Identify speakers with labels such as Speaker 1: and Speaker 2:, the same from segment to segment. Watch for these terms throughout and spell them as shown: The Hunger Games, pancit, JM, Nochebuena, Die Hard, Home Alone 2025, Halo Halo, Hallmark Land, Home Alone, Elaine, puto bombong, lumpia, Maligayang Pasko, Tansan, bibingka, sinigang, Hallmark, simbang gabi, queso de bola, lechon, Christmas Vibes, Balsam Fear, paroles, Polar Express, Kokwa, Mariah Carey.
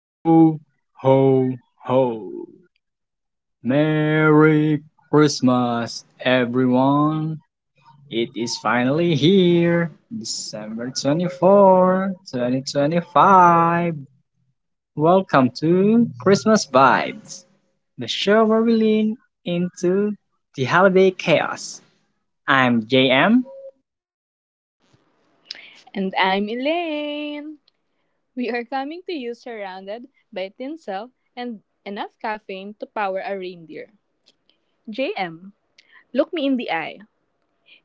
Speaker 1: Ho, ho, ho! Merry Christmas, everyone! It is finally here, December 24, 2025. Welcome to Christmas Vibes, the show where we lean into the holiday chaos. I'm JM.
Speaker 2: And I'm Elaine. We are coming to you surrounded by tinsel and enough caffeine to power a reindeer. JM, look me in the eye.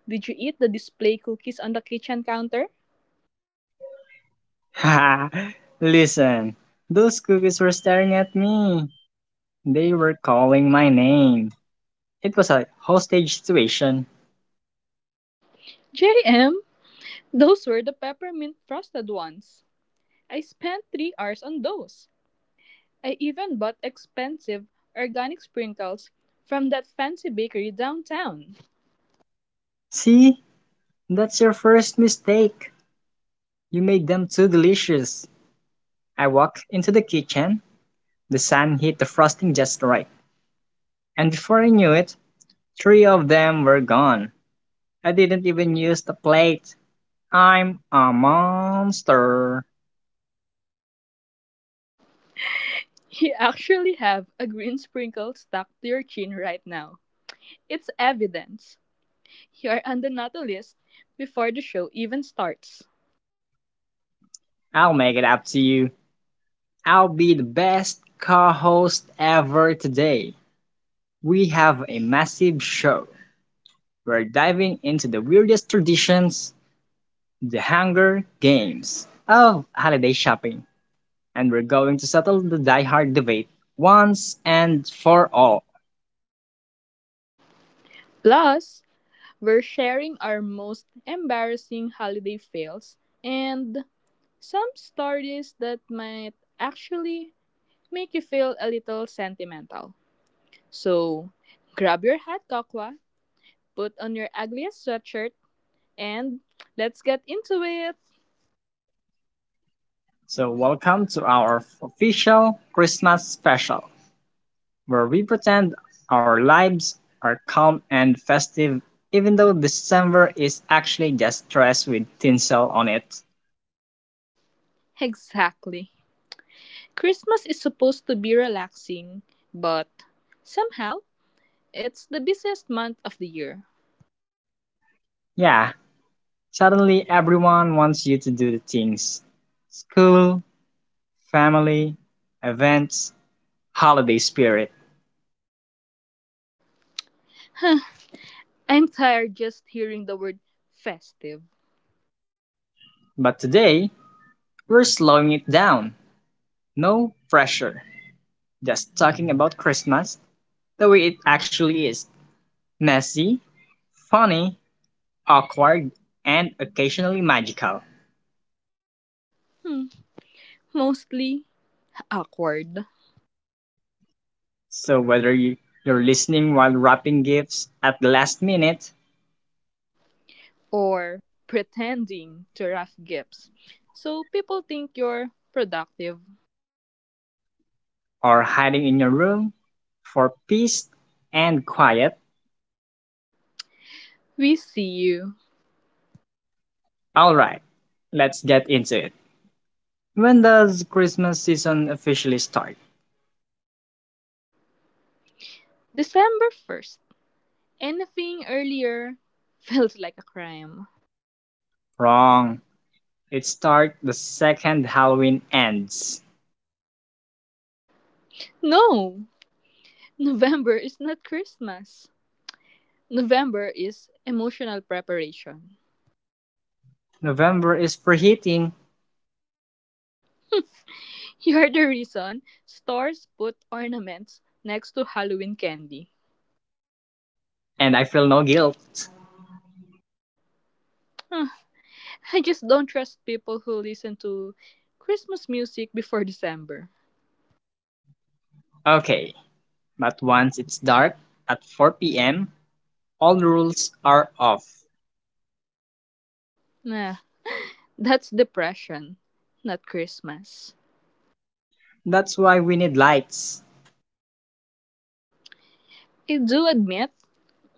Speaker 2: Did you eat the display cookies on the kitchen counter?
Speaker 1: Haha, listen, those cookies were staring at me. They were calling my name. It was a hostage situation.
Speaker 2: JM, those were the peppermint frosted ones. I spent 3 hours on those. I even bought expensive organic sprinkles from that fancy bakery downtown.
Speaker 1: See? That's your first mistake. You made them too delicious. I walked into the kitchen. The sun hit the frosting just right. And before I knew it, three of them were gone. I didn't even use the plate. I'm a monster.
Speaker 2: You actually have a green sprinkle stuck to your chin right now. It's evidence. You're on the naughty list before the show even starts.
Speaker 1: I'll make it up to you. I'll be the best co host ever today. We have a massive show. We're diving into the weirdest traditions: The Hunger Games of holiday shopping, and we're going to settle the die-hard debate once and for all.
Speaker 2: Plus, we're sharing our most embarrassing holiday fails and some stories that might actually make you feel a little sentimental. So, grab your hat, Kokwa, put on your ugliest sweatshirt, and let's get into it!
Speaker 1: So, welcome to our official Christmas special, where we pretend our lives are calm and festive, even though December is actually just stress with tinsel on it.
Speaker 2: Exactly. Christmas is supposed to be relaxing, but somehow it's the busiest month of the year.
Speaker 1: Yeah, suddenly everyone wants you to do the things: school, family, events, holiday spirit.
Speaker 2: I'm tired just hearing the word festive.
Speaker 1: But today, we're slowing it down. No pressure. Just talking about Christmas the way it actually is: messy, funny, awkward, and occasionally magical.
Speaker 2: Hmm, mostly awkward
Speaker 1: So, whether you're listening while wrapping gifts at the last minute
Speaker 2: or pretending to wrap gifts. So people think you're productive.
Speaker 1: or hiding in your room for peace and quiet,
Speaker 2: We see you.
Speaker 1: alright, let's get into it. When does Christmas season officially start?
Speaker 2: December 1st. Anything earlier feels like a crime.
Speaker 1: Wrong. It starts the second Halloween ends.
Speaker 2: No, November is not Christmas. November is emotional preparation.
Speaker 1: November is for heating,
Speaker 2: You're the reason stores put ornaments next to Halloween candy.
Speaker 1: and I feel no guilt.
Speaker 2: Huh, I just don't trust people who listen to Christmas music before December.
Speaker 1: Okay, but once it's dark at 4 p.m., all rules are off.
Speaker 2: Nah, that's depression, not Christmas.
Speaker 1: That's why we need lights.
Speaker 2: I do admit,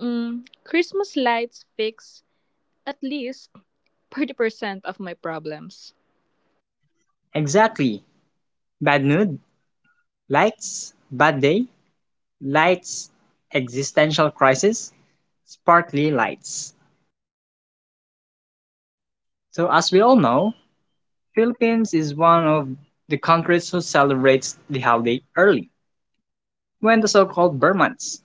Speaker 2: Christmas lights fix at least 30% of my problems.
Speaker 1: Exactly. Bad mood, lights, bad day, lights, existential crisis, sparkly lights. So, as we all know, Philippines is one of the countries who celebrates the holiday early, when the so-called Burmans.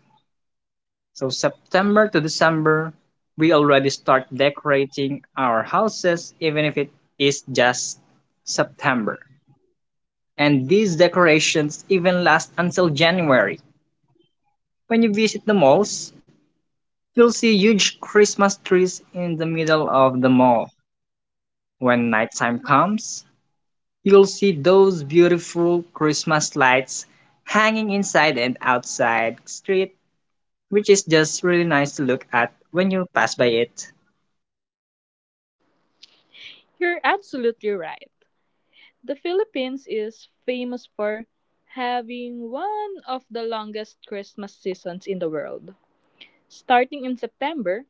Speaker 1: So September to December, we already start decorating our houses, even if it is just September. And these decorations even last until January. When you visit the malls, you'll see huge Christmas trees in the middle of the mall. When nighttime comes, you'll see those beautiful Christmas lights hanging inside and outside the street, which is just really nice to look at when you pass by it.
Speaker 2: You're absolutely right. The Philippines is famous for having one of the longest Christmas seasons in the world. Starting in September,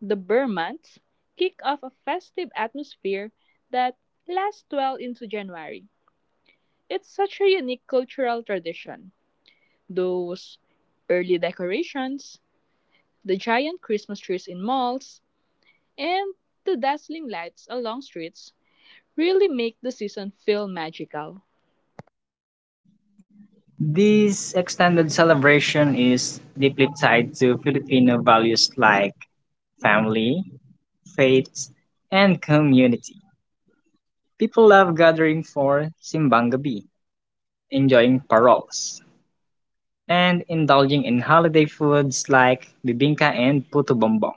Speaker 2: the Burr months kick off a festive atmosphere that lasts well into January. It's such a unique cultural tradition. Those early decorations, the giant Christmas trees in malls, and the dazzling lights along streets really make the season feel magical.
Speaker 1: This extended celebration is deeply tied to Filipino values like family, faith, and community. People love gathering for Simbang Gabi, enjoying paroles, and indulging in holiday foods like bibingka and puto bombong.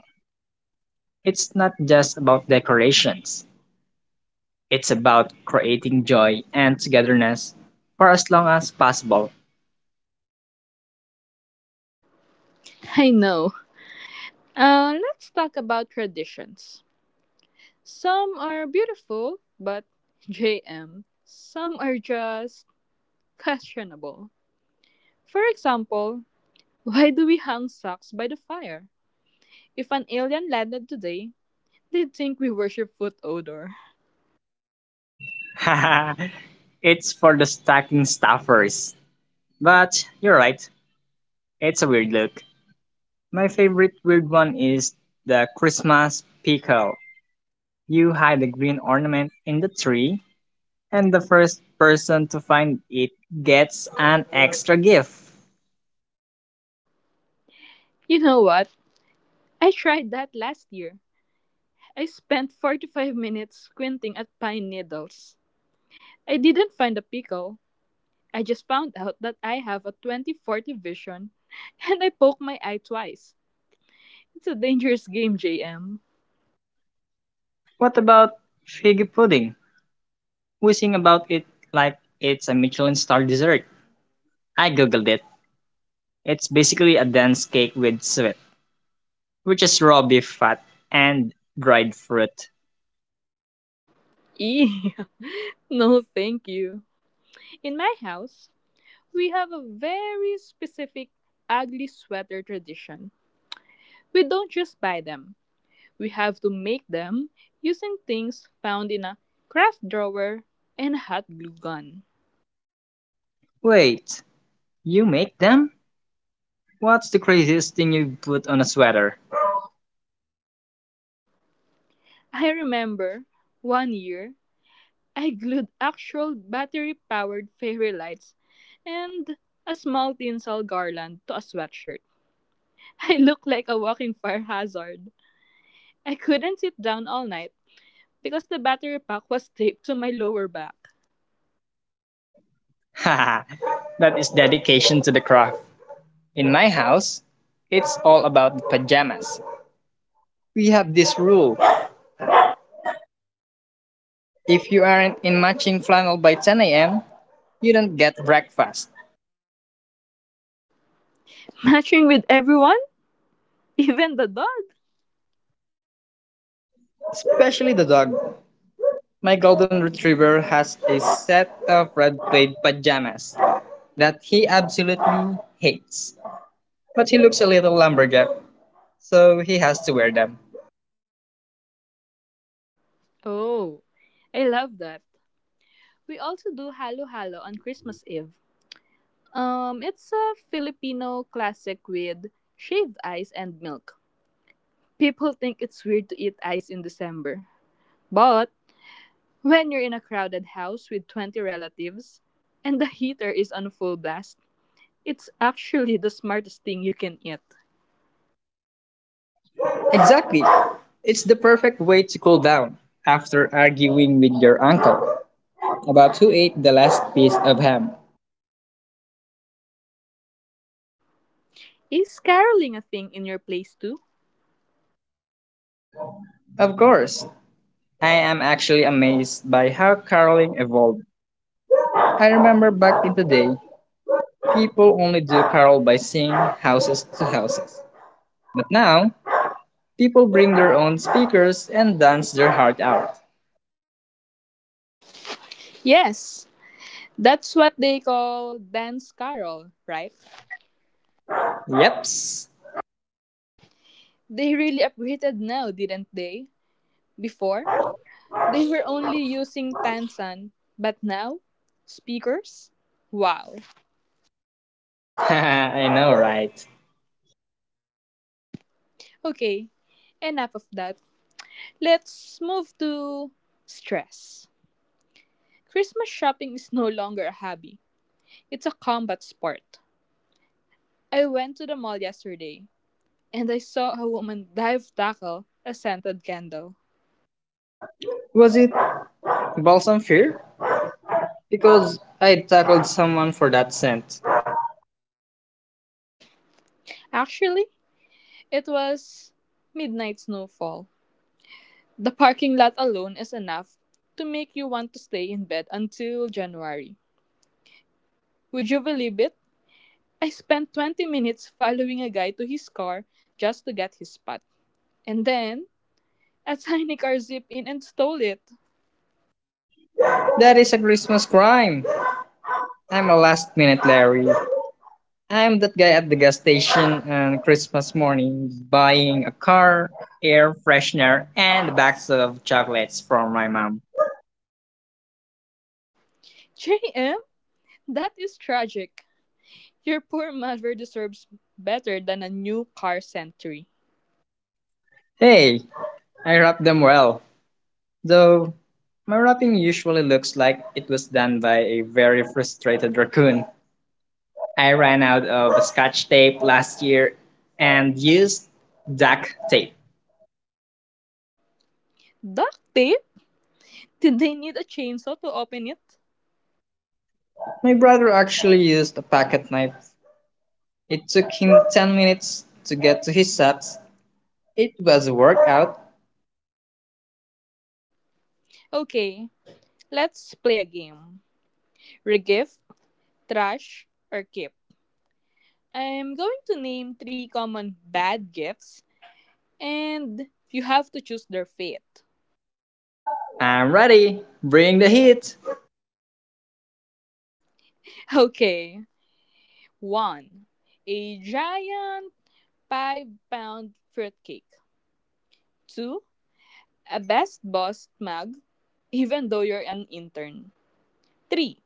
Speaker 1: It's not just about decorations. It's about creating joy and togetherness for as long as possible.
Speaker 2: I know. Let's talk about traditions. Some are beautiful, but JM, some are just questionable. For example, why do we hang socks by the fire? If an alien landed today, they'd think we worship foot odor.
Speaker 1: It's for the stacking staffers. But you're right, it's a weird look. My favorite weird one is the Christmas pickle. You hide the green ornament in the tree, and the first person to find it gets an extra gift.
Speaker 2: You know what? I tried that last year. I spent 45 minutes squinting at pine needles. I didn't find a pickle. I just found out that I have a 2040 vision and I poked my eye twice. It's a dangerous game, JM.
Speaker 1: What about fig pudding? We sing about it like it's a Michelin star dessert. I googled it. It's basically a dense cake with sweet, which is raw beef fat and dried fruit.
Speaker 2: Eee, no, thank you. In my house, we have a very specific ugly sweater tradition. We don't just buy them, we have to make them using things found in a craft drawer and a hot glue gun.
Speaker 1: Wait, you make them? What's the craziest thing you put on a sweater?
Speaker 2: I remember one year I glued actual battery powered fairy lights and a small tinsel garland to a sweatshirt. I looked like a walking fire hazard. I couldn't sit down all night because the battery pack was taped to my lower back.
Speaker 1: Haha, that is dedication to the craft. In my house, it's all about the pajamas. We have this rule: if you aren't in matching flannel by 10 a.m., you don't get breakfast.
Speaker 2: Matching with everyone, even the dog.
Speaker 1: Especially the dog. My golden retriever has a set of red plaid pajamas that he absolutely hates. But he looks a little lumberjack, so he has to wear them.
Speaker 2: Oh, I love that. We also do Halo Halo on Christmas Eve. It's a Filipino classic with shaved ice and milk. People think it's weird to eat ice in December. But when you're in a crowded house with 20 relatives and the heater is on full blast, it's actually the smartest thing you can eat.
Speaker 1: Exactly. It's the perfect way to cool down after arguing with your uncle about who ate the last piece of ham.
Speaker 2: Is caroling a thing in your place too?
Speaker 1: Of course, I am actually amazed by how caroling evolved. I remember back in the day, people only do carol by singing houses to houses. But now, people bring their own speakers and dance their heart out.
Speaker 2: Yes. That's what they call dance carol, right?
Speaker 1: Yeps.
Speaker 2: They really upgraded now, didn't they? Before, they were only using Tansan, but now speakers? Wow.
Speaker 1: I know, right?
Speaker 2: Okay, enough of that. Let's move to stress. Christmas shopping is no longer a hobby, it's a combat sport. I went to the mall yesterday and I saw a woman dive tackle a scented candle.
Speaker 1: Was it Balsam Fear? Because I tackled someone for that scent.
Speaker 2: Actually, it was midnight snowfall. The parking lot alone is enough to make you want to stay in bed until January. Would you believe it? I spent 20 minutes following a guy to his car just to get his spot. And then, a tiny car zipped in and stole it.
Speaker 1: That is a Christmas crime. I'm a last minute Larry. I'm that guy at the gas station on Christmas morning buying a car, air freshener, and bags of chocolates from my mom.
Speaker 2: JM, that is tragic. Your poor mother deserves better than a new car sentry.
Speaker 1: Hey, I wrap them well. Though, my wrapping usually looks like it was done by a very frustrated raccoon. I ran out of scotch tape last year and used duct tape.
Speaker 2: Duct tape? Did they need a chainsaw to open it?
Speaker 1: My brother actually used a pocket knife. It took him 10 minutes to get to his steps. It was a workout.
Speaker 2: Okay, let's play a game. Regift, trash, or keep. I'm going to name three common bad gifts, and you have to choose their fate.
Speaker 1: I'm ready. Bring the heat.
Speaker 2: Okay, 1. A giant 5 pound fruitcake. 2. A best boss mug, even though you're an intern. 3.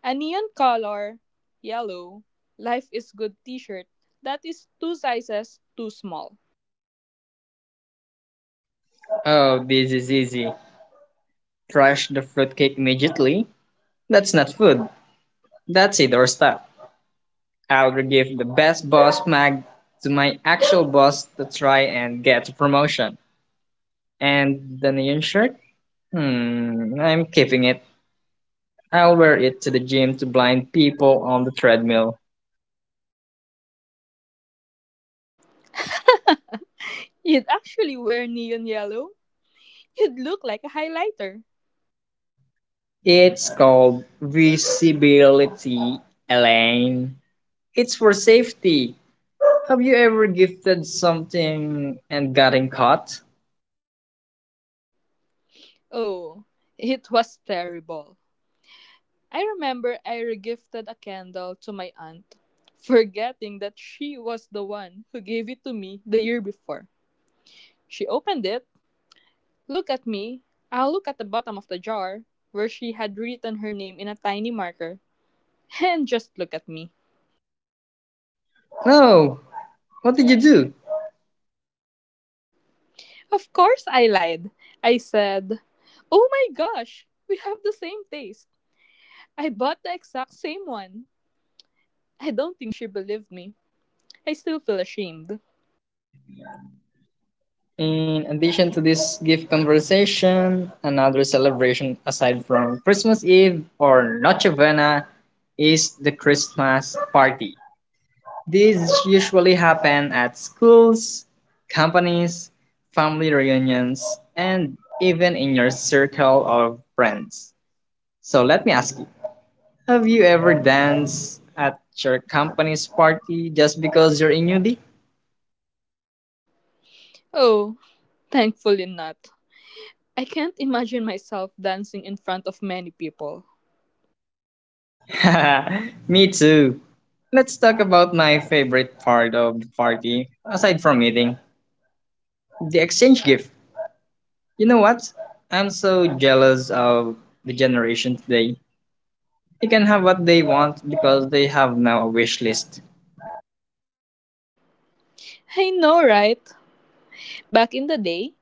Speaker 2: A neon color, yellow, life is good t shirt that is two sizes too small.
Speaker 1: Oh, this is easy. Crush the fruitcake immediately. That's not food. That's indoor stuff. I'll give the best boss mag to my actual boss to try and get a promotion. And the neon shirt? I'm keeping it. I'll wear it to the gym to blind people on the treadmill.
Speaker 2: You'd actually wear neon yellow? You'd look like a highlighter.
Speaker 1: It's called visibility, Elaine. It's for safety. Have you ever gifted something and gotten caught?
Speaker 2: Oh, it was terrible. I remember I regifted a candle to my aunt, forgetting that she was the one who gave it to me the year before. She opened it, looked at me, I looked at the bottom of the jar, where she had written her name in a tiny marker, and just looked at me.
Speaker 1: No. What did you do?
Speaker 2: Of course I lied. I said, "Oh my gosh, we have the same taste. I bought the exact same one." I don't think she believed me. I still feel ashamed.
Speaker 1: In addition to this gift conversation, another celebration aside from Christmas Eve or Nochebuena is the Christmas party. These usually happen at schools, companies, family reunions, and even in your circle of friends. So let me ask you: have you ever danced at your company's party just because you're a newbie?
Speaker 2: Oh, thankfully not. I can't imagine myself dancing in front of many people.
Speaker 1: Me too. Let's talk about my favorite part of the party, aside from eating: the exchange gift. You know what? I'm so jealous of the generation today. They can have what they want because they have now a wish list.
Speaker 2: I know, right? Back in the day,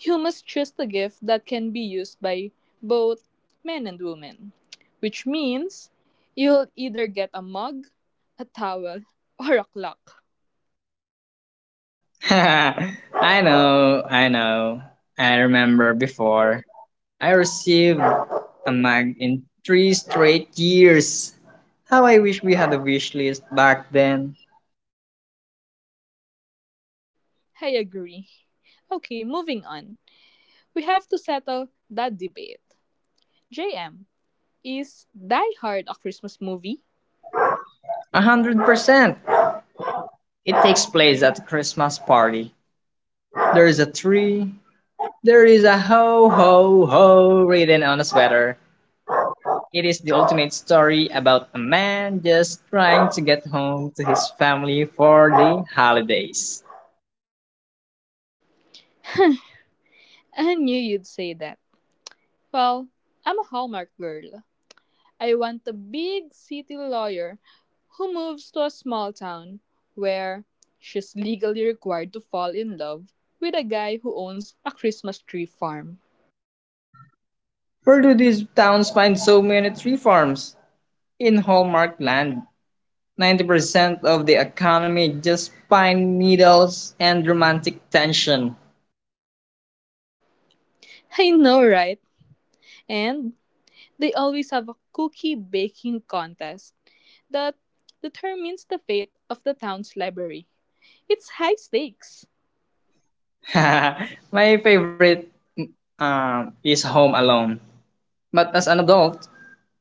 Speaker 2: humans chose a gift that can be used by both men and women, which means you'll either get a mug, a towel, or a clock.
Speaker 1: I know, I know. I remember before. I received a mag in three straight years. How I wish we had a wish list back then.
Speaker 2: I agree. Okay, moving on. We have to settle that debate. JM, is Die Hard a Christmas movie?
Speaker 1: 100%. It takes place at a Christmas party. There is a tree. There is a ho ho ho written on a sweater. It is the ultimate story about a man just trying to get home to his family for the holidays.
Speaker 2: I knew you'd say that. Well, I'm a Hallmark girl, I want a big city lawyer who moves to a small town where she's legally required to fall in love with a guy who owns a Christmas tree farm.
Speaker 1: Where do these towns find so many tree farms? In Hallmark Land, 90% of the economy just pine needles and romantic tension.
Speaker 2: I know, right? And they always have a cookie baking contest that determines the fate of the town's library. It's high stakes.
Speaker 1: My favorite is Home Alone. But as an adult,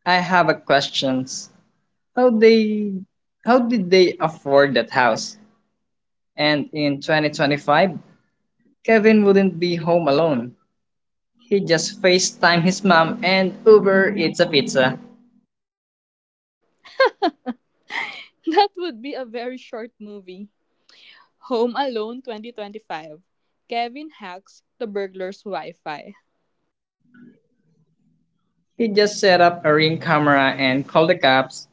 Speaker 1: I have a questions. How they how did they afford that house? And in 2025, Kevin wouldn't be home alone. He just FaceTime his mom and Uber eats a pizza.
Speaker 2: That would be a very short movie. Home Alone 2025. Kevin hacks the burglar's Wi Fi.
Speaker 1: He just set up a ring camera and called the cops.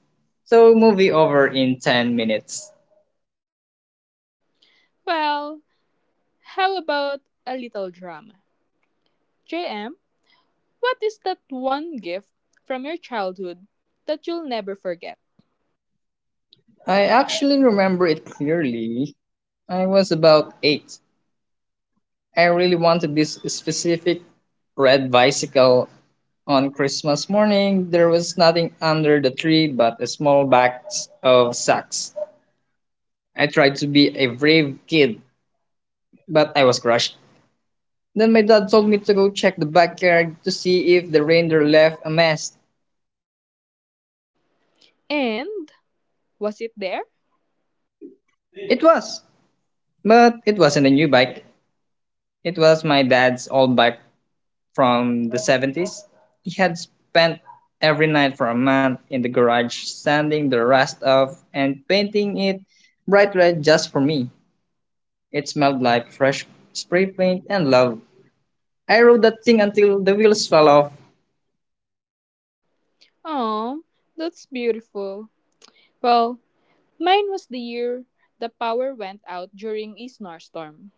Speaker 1: So movie over in 10 minutes.
Speaker 2: Well, how about a little drama? JM, what is that one gift from your childhood that you'll never forget?
Speaker 1: I actually remember it clearly. I was about 8. I really wanted this specific red bicycle. On Christmas morning, there was nothing under the tree but a small box of socks. I tried to be a brave kid, but I was crushed. Then my dad told me to go check the backyard to see if the reindeer left a mess.
Speaker 2: And was it there?
Speaker 1: It was, but it wasn't a new bike. It was my dad's old bike from the 70s. He had spent every night for a month in the garage sanding the rust off and painting it bright red just for me. It smelled like fresh spray paint and love. I rode that thing until the wheels fell off.
Speaker 2: Oh, that's beautiful. Well, mine was the year the power went out during a snowstorm.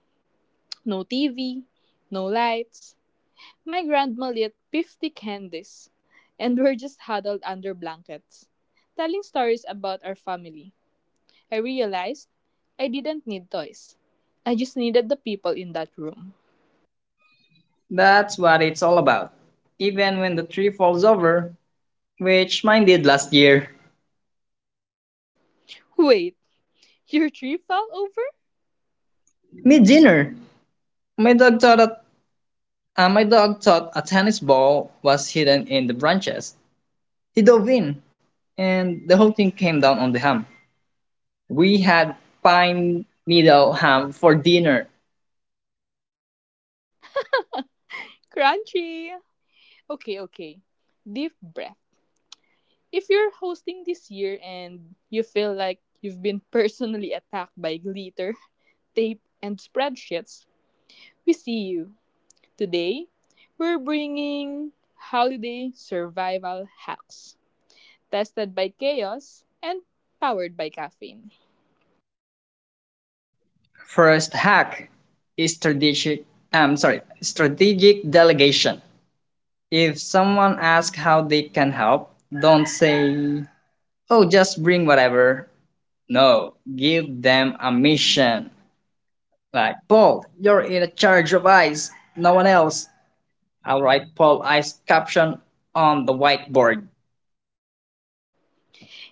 Speaker 2: No TV, no lights. My grandma lit 50 candles and we're just huddled under blankets, telling stories about our family. I realized I didn't need toys. I just needed the people in that room.
Speaker 1: That's what it's all about. Even when the tree falls over, which mine did last year.
Speaker 2: Wait, your tree fell over?
Speaker 1: Mid-dinner, my dog thought that, my dog thought a tennis ball was hidden in the branches. He dove in, and the whole thing came down on the ham. We had pine needle ham for dinner.
Speaker 2: Crunchy! Okay, okay. Deep breath. If you're hosting this year and you feel like you've been personally attacked by glitter, tape, and spreadsheets, we see you. Today, we're bringing holiday survival hacks tested by chaos and powered by caffeine.
Speaker 1: First hack is strategic. I'm sorry, strategic delegation. If someone asks how they can help, don't say, "Oh, just bring whatever." No, give them a mission. Like, Paul, you're in charge of ice, no one else. I'll write Paul Ice caption on the whiteboard.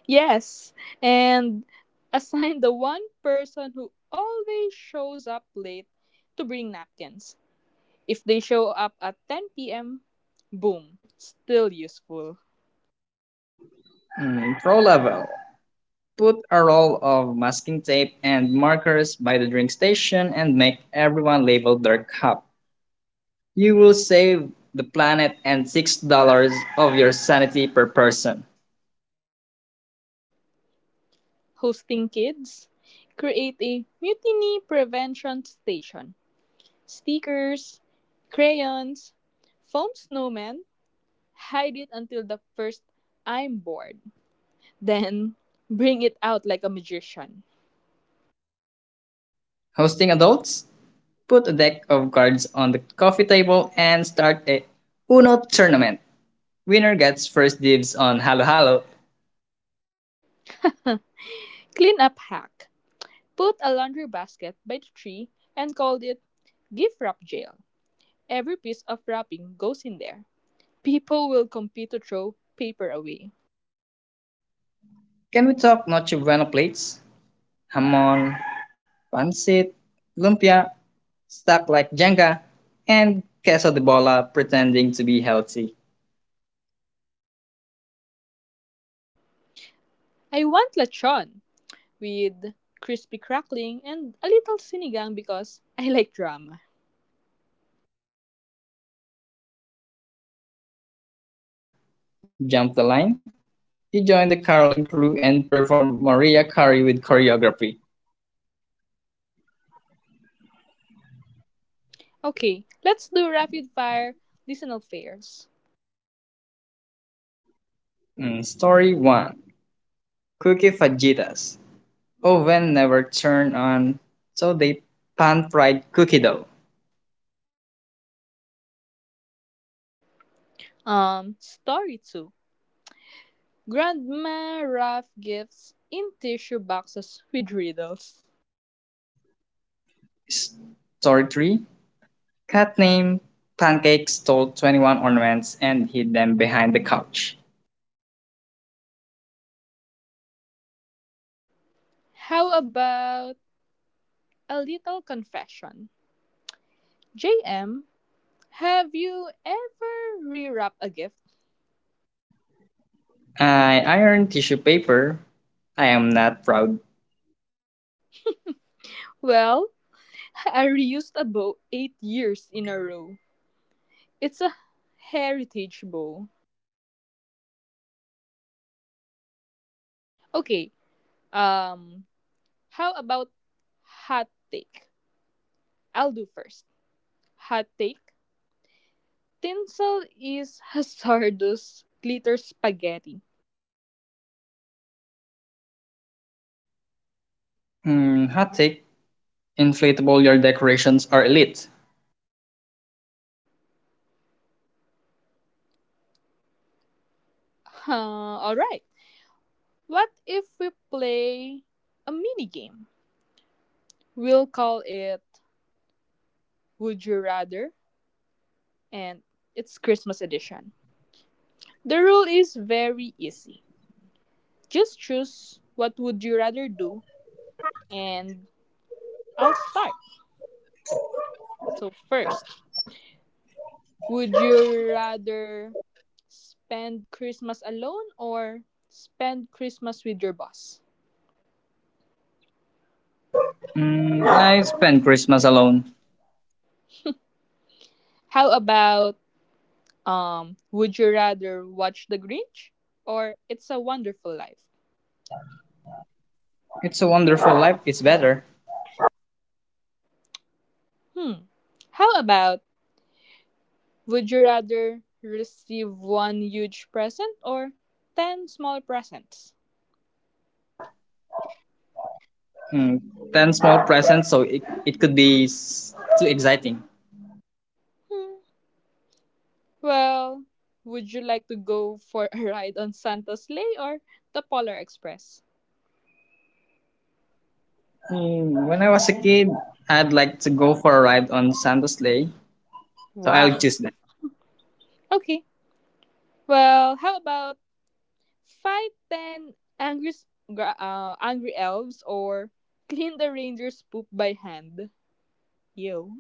Speaker 2: Yes, and assign the one person who always shows up late to bring napkins. If they show up at 10 p.m., boom, still useful.
Speaker 1: Hmm, pro level. Put a roll of masking tape and markers by the drink station and make everyone label their cup. You will save the planet and $6 of your sanity per person.
Speaker 2: Hosting kids, create a mutiny prevention station. Stickers, crayons, foam snowmen, hide it until the first "I'm bored." Then bring it out like a magician.
Speaker 1: Hosting adults? Put a deck of cards on the coffee table and start a Uno tournament. Winner gets first dibs on Halo Halo.
Speaker 2: Clean up hack: put a laundry basket by the tree and called it Gift Wrap Jail. Every piece of wrapping goes in there. People will compete to throw paper away.
Speaker 1: Can we talk Noche Buena plates? Hamon, pancit, lumpia, stuck like Jenga, and queso de bola pretending to be healthy.
Speaker 2: I want lechon with crispy crackling and a little sinigang because I like drama.
Speaker 1: Hello Hello line forms on the left, jump the line. He joined the caroling crew and performed Mariah Carey with choreography.
Speaker 2: Okay, let's do rapid fire listener fairs.
Speaker 1: Story 1: cookie fajitas. Oven never turned on, so they pan fried cookie dough.
Speaker 2: Story 2. Grandma wrap gifts in tissue boxes with riddles.
Speaker 1: Story 3: cat named Pancake stole 21 ornaments and hid them behind the couch.
Speaker 2: How about a little confession? JM, have you ever rewrapped a gift?
Speaker 1: I ironed tissue paper. I am not proud.
Speaker 2: Well, I reused a bow 8 years in a row. It's a heritage bow. Okay, um, how about hot take? I'll do first. Hot take. Tinsel is hazardous glitter spaghetti.
Speaker 1: Hot take. Inflatable yard decorations are elite.
Speaker 2: Huh, alright. What if we play a mini game? We'll call it Would You Rather, and it's Christmas edition. The rule is very easy. Just choose what would you rather do, and I'll start. So first, would you rather spend Christmas alone or spend Christmas with your boss?
Speaker 1: I spend Christmas alone.
Speaker 2: How about, would you rather watch The Grinch or It's a Wonderful Life?
Speaker 1: It's a wonderful life. It's better.
Speaker 2: Hmm. How about would you rather receive one huge present or 10 small presents?
Speaker 1: Mm, 10 small presents, so it could be too exciting.
Speaker 2: Hmm. Well, would you like to go for a ride on Santa's sleigh or the Polar Express?
Speaker 1: When I was a kid, I'd like to go for a ride on Santa's sleigh, so I'll
Speaker 2: Wow.
Speaker 1: choose that.
Speaker 2: Okay. Well, how about fight 10 angry elves or clean the reindeer's poop by hand? Yo.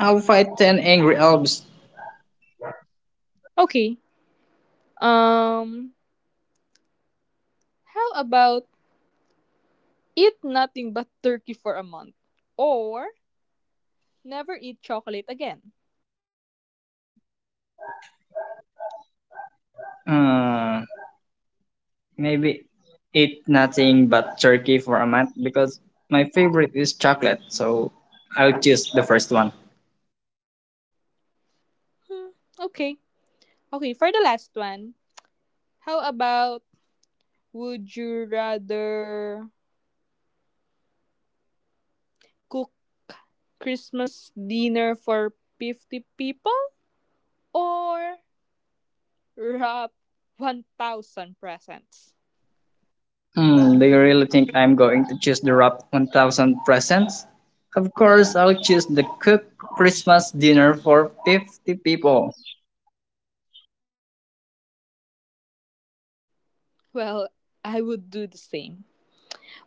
Speaker 1: I'll fight 10 angry elves.
Speaker 2: Okay. Um. How about eat nothing but turkey for a month or never eat chocolate again?
Speaker 1: Uh, Maybe eat nothing but turkey for a month because my favorite is chocolate, so I'll choose the first one.
Speaker 2: Hmm. Okay. Okay. For the last one, how about would you rather cook Christmas dinner for 50 people or wrap 1,000 presents?
Speaker 1: Do you really think I'm going to choose the wrap 1,000 presents? Of course, I'll choose the cooked Christmas dinner for 50 people.
Speaker 2: Well, I would do the same.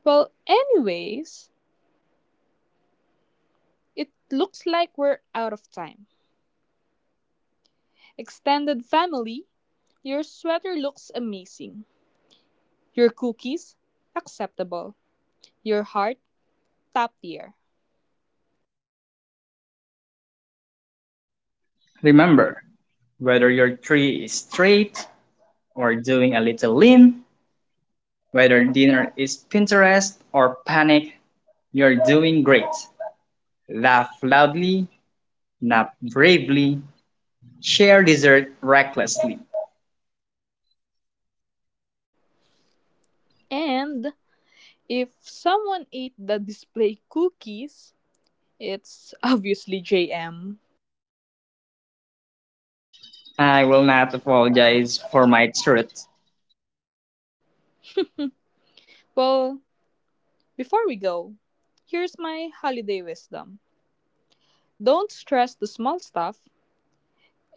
Speaker 2: Well, anyways, it looks like we're out of time. Extended family, your sweater looks amazing. Your cookies, acceptable. Your heart, top tier.
Speaker 1: Remember, whether your tree is straight or doing a little lean, whether dinner is Pinterest or panic, you're doing great. Laugh loudly, not bravely. Share dessert recklessly.
Speaker 2: And if someone ate the display cookies, it's obviously JM.
Speaker 1: I will not apologize for my truth.
Speaker 2: Well, before we go, here's my holiday wisdom. Don't stress the small stuff.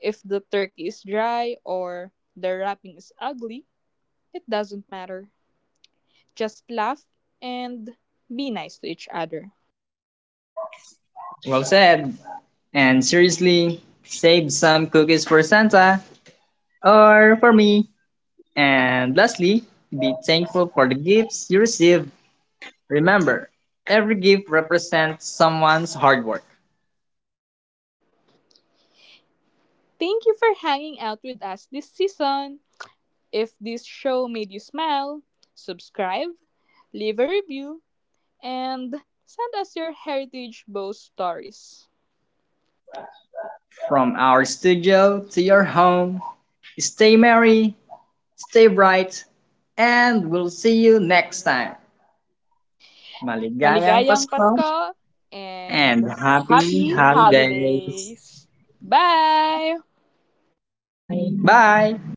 Speaker 2: If the turkey is dry or the wrapping is ugly, it doesn't matter. Just laugh and be nice to each other.
Speaker 1: Well said. And seriously, save some cookies for Santa or for me. And lastly, be thankful for the gifts you receive. Remember, every gift represents someone's hard work.
Speaker 2: Thank you for hanging out with us this season. If this show made you smile, subscribe, leave a review, and send us your heritage bow stories.
Speaker 1: From our studio to your home, stay merry, stay bright, and we'll see you next time. Maligayang
Speaker 2: Maligayang
Speaker 1: Pasko!
Speaker 2: Pasko and
Speaker 1: And happy
Speaker 2: happy
Speaker 1: holidays.
Speaker 2: holidays! Bye!
Speaker 1: Bye.